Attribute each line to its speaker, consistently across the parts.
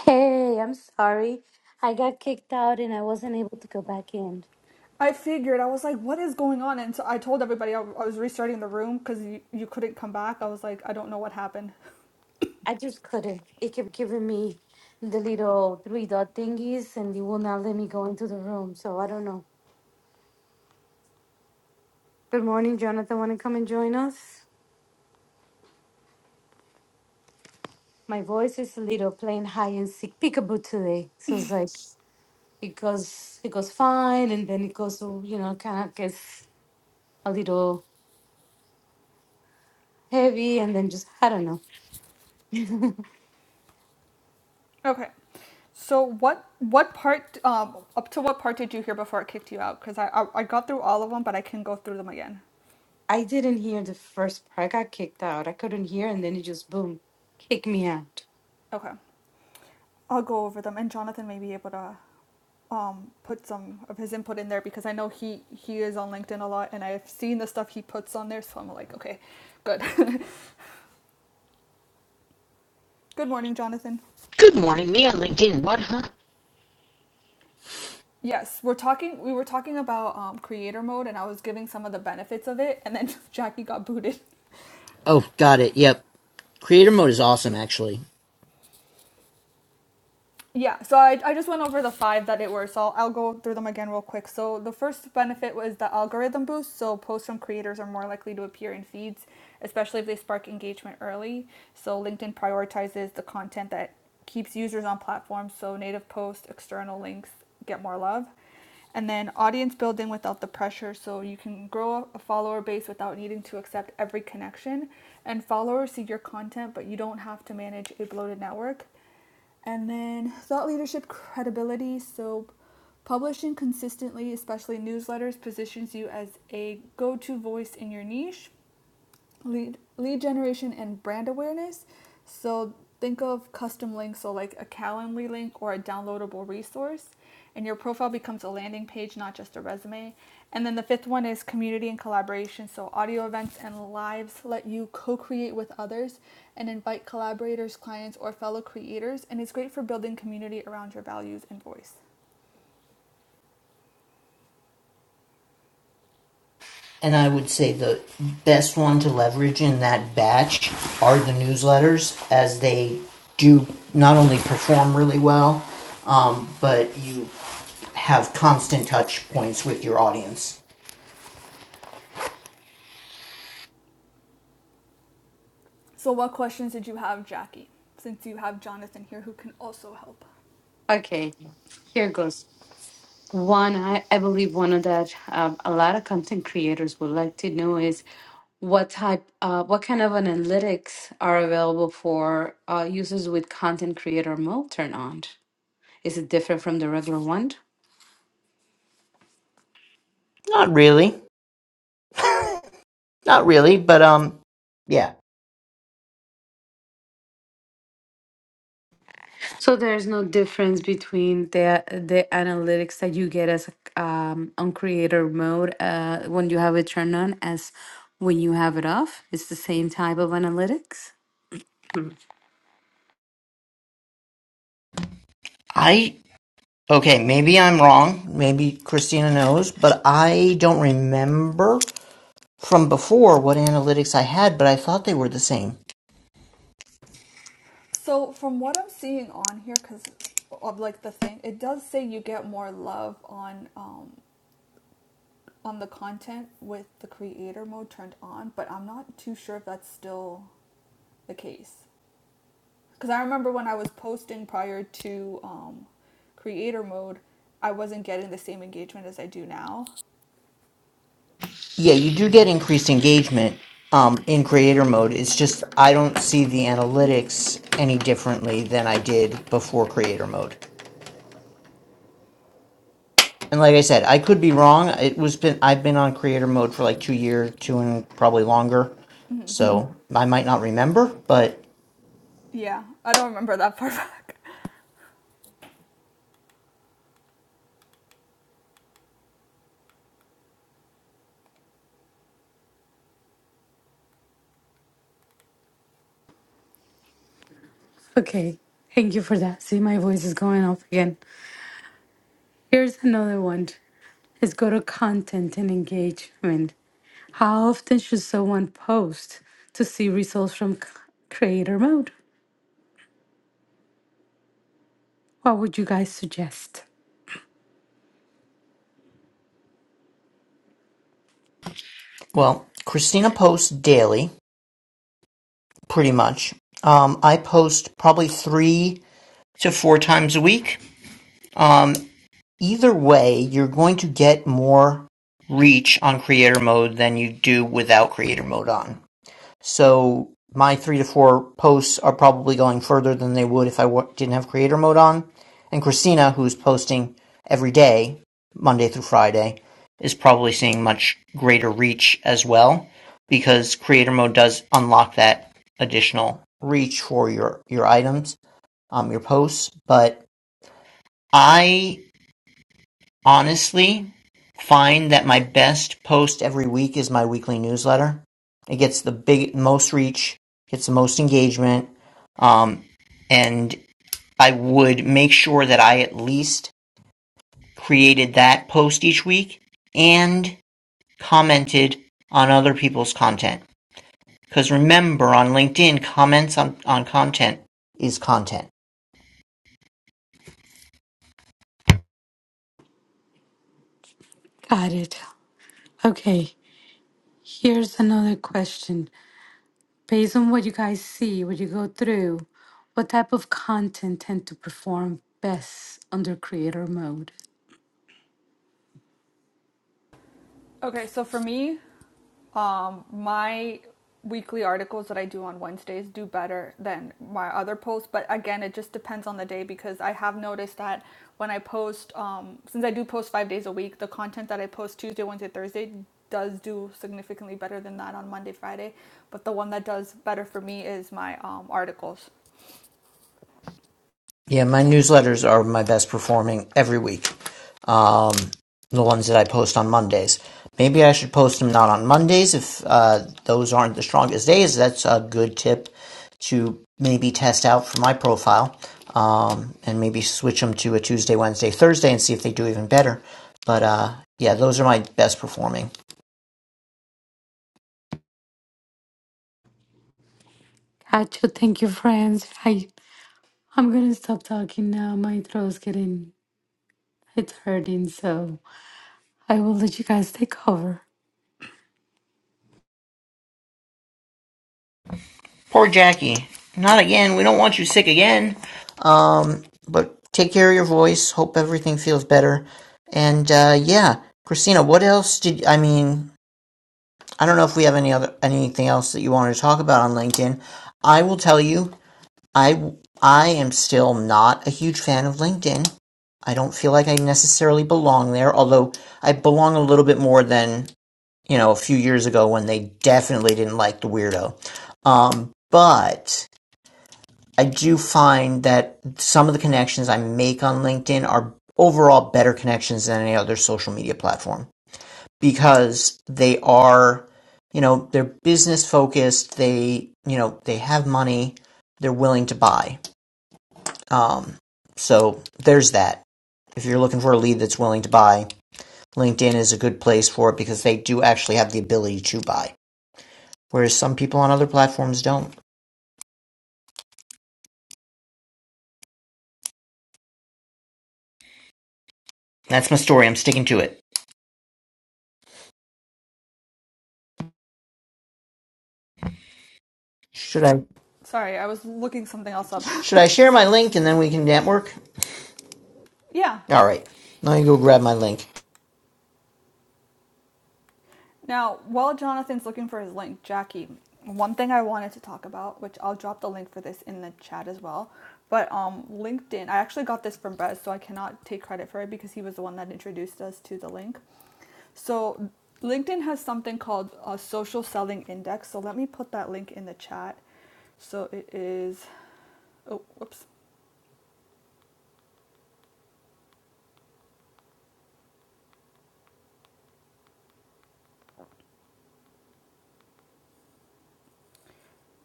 Speaker 1: Hey, I'm sorry. I got kicked out and I wasn't able to go back in.
Speaker 2: I figured I was like, what is going on? And so I told everybody I, I was restarting the room because you, you couldn't come back. I was like, I don't know what happened.
Speaker 1: I just couldn't. It kept giving me the little three dot thingies and it will not let me go into the room. So I don't know. Good morning, Jonathan. Want to come and join us? My voice is a little playing high and sick peekaboo today. So it's like it goes it goes fine and then it goes you know kind of gets a little heavy and then just I don't know.
Speaker 2: Okay, so what what part um up to what part did you hear before it kicked you out? Because I, I I got through all of them, but I can go through them again.
Speaker 1: I didn't hear the first part. I got kicked out. I couldn't hear, and then it just boom, kicked me out.
Speaker 2: Okay, I'll go over them, and Jonathan may be able to um put some of his input in there because I know he he is on LinkedIn a lot, and I've seen the stuff he puts on there. So I'm like, okay, good. good morning, Jonathan.
Speaker 3: Good morning, me on LinkedIn. What, huh?
Speaker 2: Yes, we're talking. We were talking about um, creator mode, and I was giving some of the benefits of it, and then Jackie got booted.
Speaker 3: Oh, got it. Yep. Creator mode is awesome, actually.
Speaker 2: Yeah, so I, I just went over the five that it were, so I'll, I'll go through them again real quick. So the first benefit was the algorithm boost, so posts from creators are more likely to appear in feeds, especially if they spark engagement early. So LinkedIn prioritizes the content that keeps users on platforms, so native posts, external links get more love. And then audience building without the pressure, so you can grow a follower base without needing to accept every connection. And followers see your content, but you don't have to manage a bloated network. And then thought leadership credibility. So, publishing consistently, especially newsletters, positions you as a go to voice in your niche lead lead generation and brand awareness. So think of custom links, so like a Calendly link or a downloadable resource, and your profile becomes a landing page, not just a resume. And then the fifth one is community and collaboration. So audio events and lives let you co-create with others and invite collaborators, clients, or fellow creators, and it's great for building community around your values and voice.
Speaker 3: And I would say the best one to leverage in that batch are the newsletters, as they do not only perform really well, um, but you have constant touch points with your audience.
Speaker 2: So what questions did you have, Jackie? Since you have Jonathan here who can also help.
Speaker 1: Okay, here goes. One, I, I believe one of that um, a lot of content creators would like to know is what type, uh, what kind of analytics are available for uh, users with content creator mode turned on? Is it different from the regular one?
Speaker 3: Not really. Not really, but um, yeah.
Speaker 1: So there's no difference between the the analytics that you get as a- um, on creator mode uh, when you have it turned on as when you have it off. It's the same type of analytics.
Speaker 3: I okay. Maybe I'm wrong. Maybe Christina knows, but I don't remember from before what analytics I had, but I thought they were the same.
Speaker 2: So from what I'm seeing on here, because of like the thing, it does say you get more love on um on the content with the creator mode turned on, but I'm not too sure if that's still the case. Because I remember when I was posting prior to um creator mode, I wasn't getting the same engagement as I do now.
Speaker 3: Yeah, you do get increased engagement um, in creator mode. It's just I don't see the analytics any differently than I did before creator mode. And like I said, I could be wrong. It was been I've been on creator mode for like two years, two and probably longer, Mm.
Speaker 2: Mm-hmm.
Speaker 3: so I might not remember. But
Speaker 2: Yeah, I don't remember that part.
Speaker 1: Okay, thank you for that. See, my voice is going off again. Here's another one. Let's go to content and engagement. How often should someone post to see results from c- creator mode? What would you guys suggest?
Speaker 3: well, Christina posts daily, pretty much. Um, I post probably three to four times a week. Um, Either way, you're going to get more reach on creator mode than you do without creator mode on. So my three to four posts are probably going further than they would if I w- didn't have creator mode on. And Christina, who's posting every day, Monday through Friday, is probably seeing much greater reach as well because creator mode does unlock that additional reach for your, your items, um, your posts. But I honestly find that my best post every week is my weekly newsletter. It gets the big most reach, gets the most engagement, um, and I would make sure that I at least created that post each week and commented on other people's content. Because remember, on LinkedIn, comments on, on content is content.
Speaker 1: Got it. Okay, here's another question. based on what you guys see, what you go through, what type of content tend to perform best under creator mode.
Speaker 2: okay, so for me, um, my weekly articles that I do on Wednesdays do better than my other posts. But again, it just depends on the day because I have noticed that when I post, um, since I do post five days a week, the content that I post Tuesday, Wednesday, Thursday does do significantly better than that on Monday, Friday. But the one that does better for me is my um, articles.
Speaker 3: Yeah, my newsletters are my best performing every week. Um, the ones that I post on Mondays. Maybe I should post them not on Mondays if uh, those aren't the strongest days. That's a good tip to maybe test out for my profile um, and maybe switch them to a Tuesday, Wednesday, Thursday and see if they do even better. But uh, yeah, those are my best performing.
Speaker 1: Gotcha. Thank you, friends. I I'm gonna stop talking now. My throat's getting it's hurting, so I will let you guys take over.
Speaker 3: Poor Jackie. Not again. We don't want you sick again. Um, but take care of your voice. Hope everything feels better. And uh, yeah, Christina, what else did I mean? I don't know if we have any other anything else that you wanted to talk about on LinkedIn. I will tell you, I I am still not a huge fan of LinkedIn. I don't feel like I necessarily belong there, although I belong a little bit more than you know a few years ago when they definitely didn't like the weirdo. Um, but I do find that some of the connections I make on LinkedIn are overall better connections than any other social media platform because they are, you know, they're business focused. They, you know, they have money. They're willing to buy. Um, so there's that. If you're looking for a lead that's willing to buy, LinkedIn is a good place for it because they do actually have the ability to buy, whereas some people on other platforms don't. That's my story. I'm sticking to it. Should I
Speaker 2: Sorry, I was looking something else up.
Speaker 3: Should I share my link and then we can network?
Speaker 2: yeah,
Speaker 3: All right. Let me go grab my link.
Speaker 2: Now, while Jonathan's looking for his link, Jackie, one thing I wanted to talk about, which I'll drop the link for this in the chat as well, but um, LinkedIn, I actually got this from Bez, so I cannot take credit for it because he was the one that introduced us to the link. So, LinkedIn has something called a social selling index. So, let me put that link in the chat. So, it is, oh, whoops.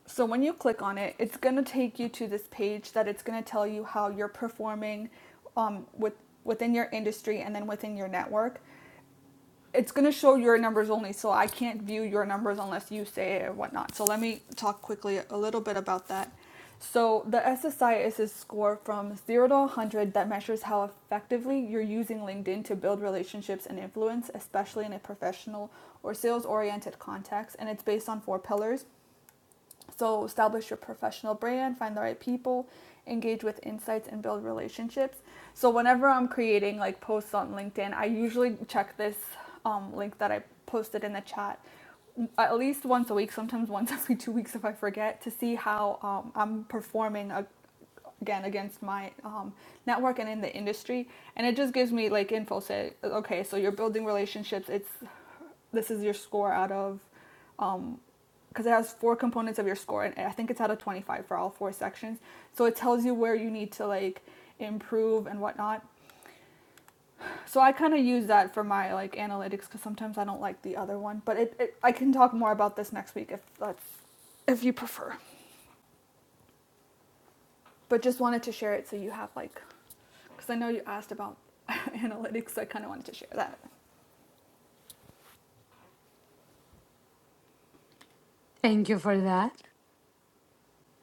Speaker 2: So when you click on it, it's going to take you to this page that it's going to tell you how you're performing um, with within your industry and then within your network. It's going to show your numbers only, so I can't view your numbers unless you say it or whatnot. So let me talk quickly a little bit about that. So the SSI is a score from 0 to 100 that measures how effectively you're using LinkedIn to build relationships and influence, especially in a professional or sales-oriented context, and it's based on four pillars so, establish your professional brand, find the right people, engage with insights, and build relationships. So, whenever I'm creating like posts on LinkedIn, I usually check this um, link that I posted in the chat at least once a week, sometimes once every two weeks if I forget, to see how um, I'm performing a- again against my um, network and in the industry. And it just gives me like info say, okay, so you're building relationships. It's this is your score out of um because it has four components of your score and i think it's out of 25 for all four sections so it tells you where you need to like improve and whatnot so i kind of use that for my like analytics because sometimes i don't like the other one but it, it i can talk more about this next week if that's if you prefer but just wanted to share it so you have like because i know you asked about analytics so i kind of wanted to share that
Speaker 1: Thank you for that.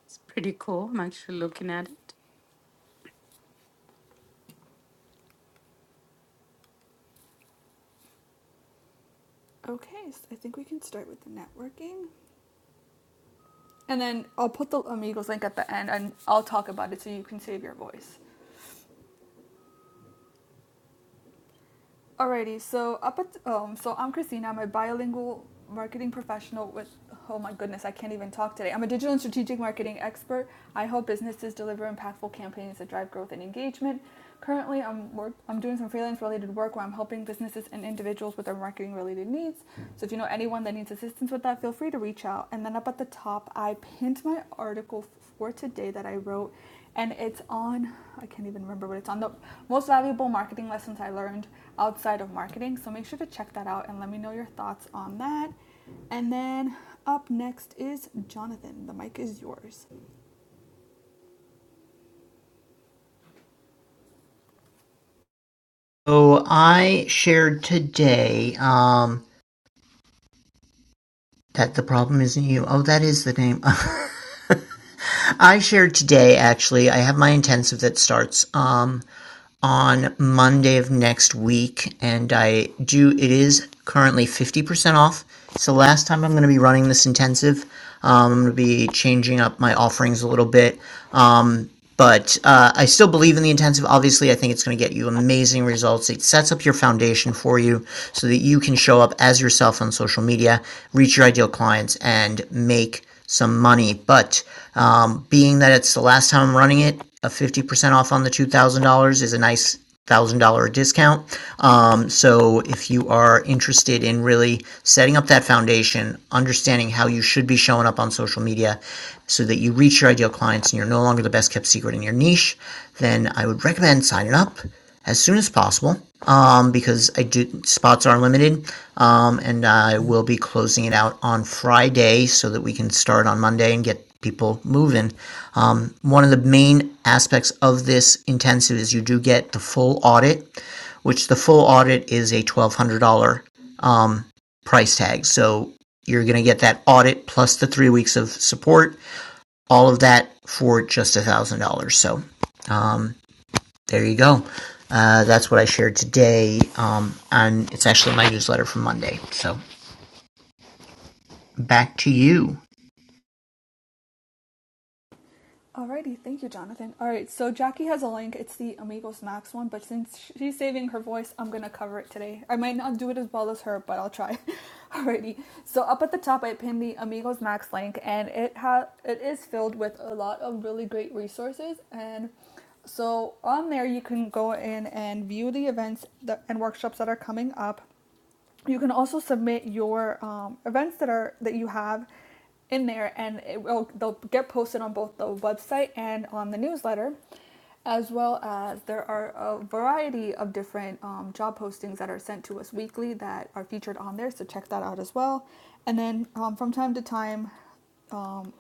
Speaker 1: It's pretty cool. I'm actually looking at it.
Speaker 2: okay so i think we can start with the networking And then I'll put the Amigos link at the end and I'll talk about it so you can save your voice. Alrighty, so up at um, so I'm Christina. I'm a bilingual marketing professional with oh my goodness, I can't even talk today. I'm a digital and strategic marketing expert. I help businesses deliver impactful campaigns that drive growth and engagement. Currently, I'm work I'm doing some freelance related work where I'm helping businesses and individuals with their marketing related needs. So if you know anyone that needs assistance with that, feel free to reach out. And then up at the top, I pinned my article for today that I wrote, and it's on, I can't even remember what it's on, the most valuable marketing lessons I learned outside of marketing. So make sure to check that out and let me know your thoughts on that. And then up next is Jonathan. The mic is yours.
Speaker 3: So I shared today um, that the problem isn't you. Oh, that is the name. I shared today, actually. I have my intensive that starts. Um, on Monday of next week, and I do. It is currently fifty percent off. So last time I'm going to be running this intensive. Um, I'm going to be changing up my offerings a little bit, um, but uh, I still believe in the intensive. Obviously, I think it's going to get you amazing results. It sets up your foundation for you so that you can show up as yourself on social media, reach your ideal clients, and make some money. But um, being that it's the last time I'm running it, a 50% off on the $2,000 is a nice $1,000 discount. Um, so if you are interested in really setting up that foundation, understanding how you should be showing up on social media so that you reach your ideal clients and you're no longer the best kept secret in your niche, then I would recommend signing up as soon as possible um, because I do spots are limited, um, and I will be closing it out on Friday so that we can start on Monday and get people moving. Um, one of the main aspects of this intensive is you do get the full audit, which the full audit is a twelve hundred dollar um, price tag. So you're going to get that audit plus the three weeks of support, all of that for just a thousand dollars. So. Um, there you go. Uh, that's what I shared today. Um, and it's actually my newsletter from Monday. So back to you.
Speaker 2: Alrighty, thank you, Jonathan. Alright, so Jackie has a link. It's the Amigos Max one, but since she's saving her voice, I'm gonna cover it today. I might not do it as well as her, but I'll try. Alrighty, so up at the top, I pinned the Amigos Max link, and it ha- it is filled with a lot of really great resources. And so on there, you can go in and view the events that- and workshops that are coming up you can also submit your um, events that are that you have in there and it will they'll get posted on both the website and on the newsletter as well as there are a variety of different um, job postings that are sent to us weekly that are featured on there so check that out as well and then um, from time to time um,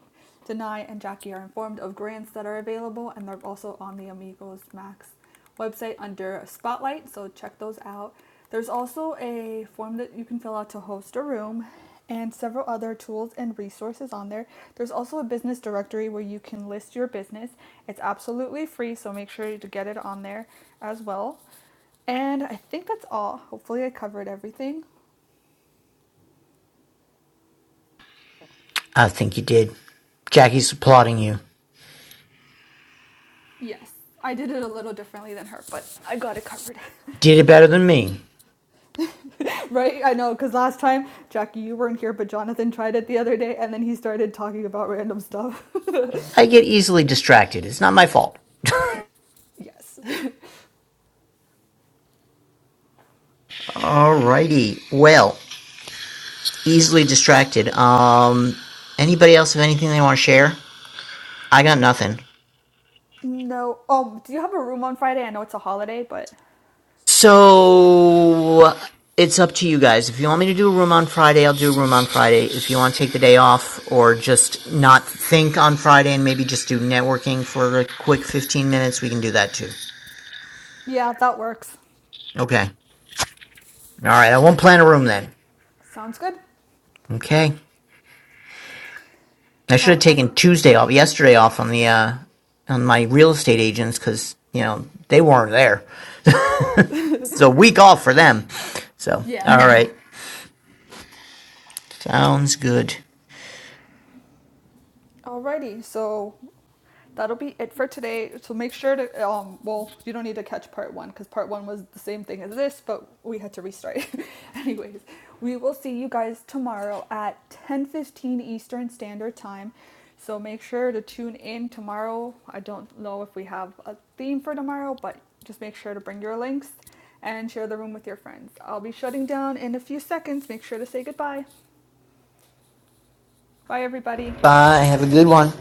Speaker 2: Denai and Jackie are informed of grants that are available, and they're also on the Amigos Max website under Spotlight, so check those out. There's also a form that you can fill out to host a room and several other tools and resources on there. There's also a business directory where you can list your business. It's absolutely free, so make sure to get it on there as well. And I think that's all. Hopefully, I covered everything.
Speaker 3: I think you did. Jackie's applauding you.
Speaker 2: Yes, I did it a little differently than her, but I got it covered.
Speaker 3: Did it better than me.
Speaker 2: Right, I know, because last time, Jackie, you weren't here, but Jonathan tried it the other day, and then he started talking about random stuff.
Speaker 3: I get easily distracted. It's not my fault.
Speaker 2: Yes.
Speaker 3: Alrighty. Well, easily distracted. Um, anybody else have anything they want to share? I got nothing.
Speaker 2: no. Oh, do you have a room on Friday? I know it's a holiday, but
Speaker 3: So it's up to you guys. If you want me to do a room on Friday, I'll do a room on Friday. If you want to take the day off or just not think on Friday and maybe just do networking for a quick 15 minutes, we can do that too.
Speaker 2: yeah, that works.
Speaker 3: Okay. All right. I won't plan a room then.
Speaker 2: Sounds good.
Speaker 3: Okay. I should
Speaker 2: All,
Speaker 3: have
Speaker 2: right.
Speaker 3: taken Tuesday off, yesterday off on the, uh, on my real estate agents because, you know, they weren't there. It's a week off for them. So,
Speaker 2: Yeah.
Speaker 3: all right. Sounds good.
Speaker 2: alrighty. So that'll be it for today. So make sure to um well, you don't need to catch part 1 cuz part 1 was the same thing as this, but we had to restart. Anyways, we will see you guys tomorrow at 10:15 Eastern Standard Time. So make sure to tune in tomorrow. I don't know if we have a theme for tomorrow, but just make sure to bring your links and share the room with your friends. I'll be shutting down in a few seconds. Make sure to say goodbye. Bye everybody.
Speaker 3: Bye. Have a good one.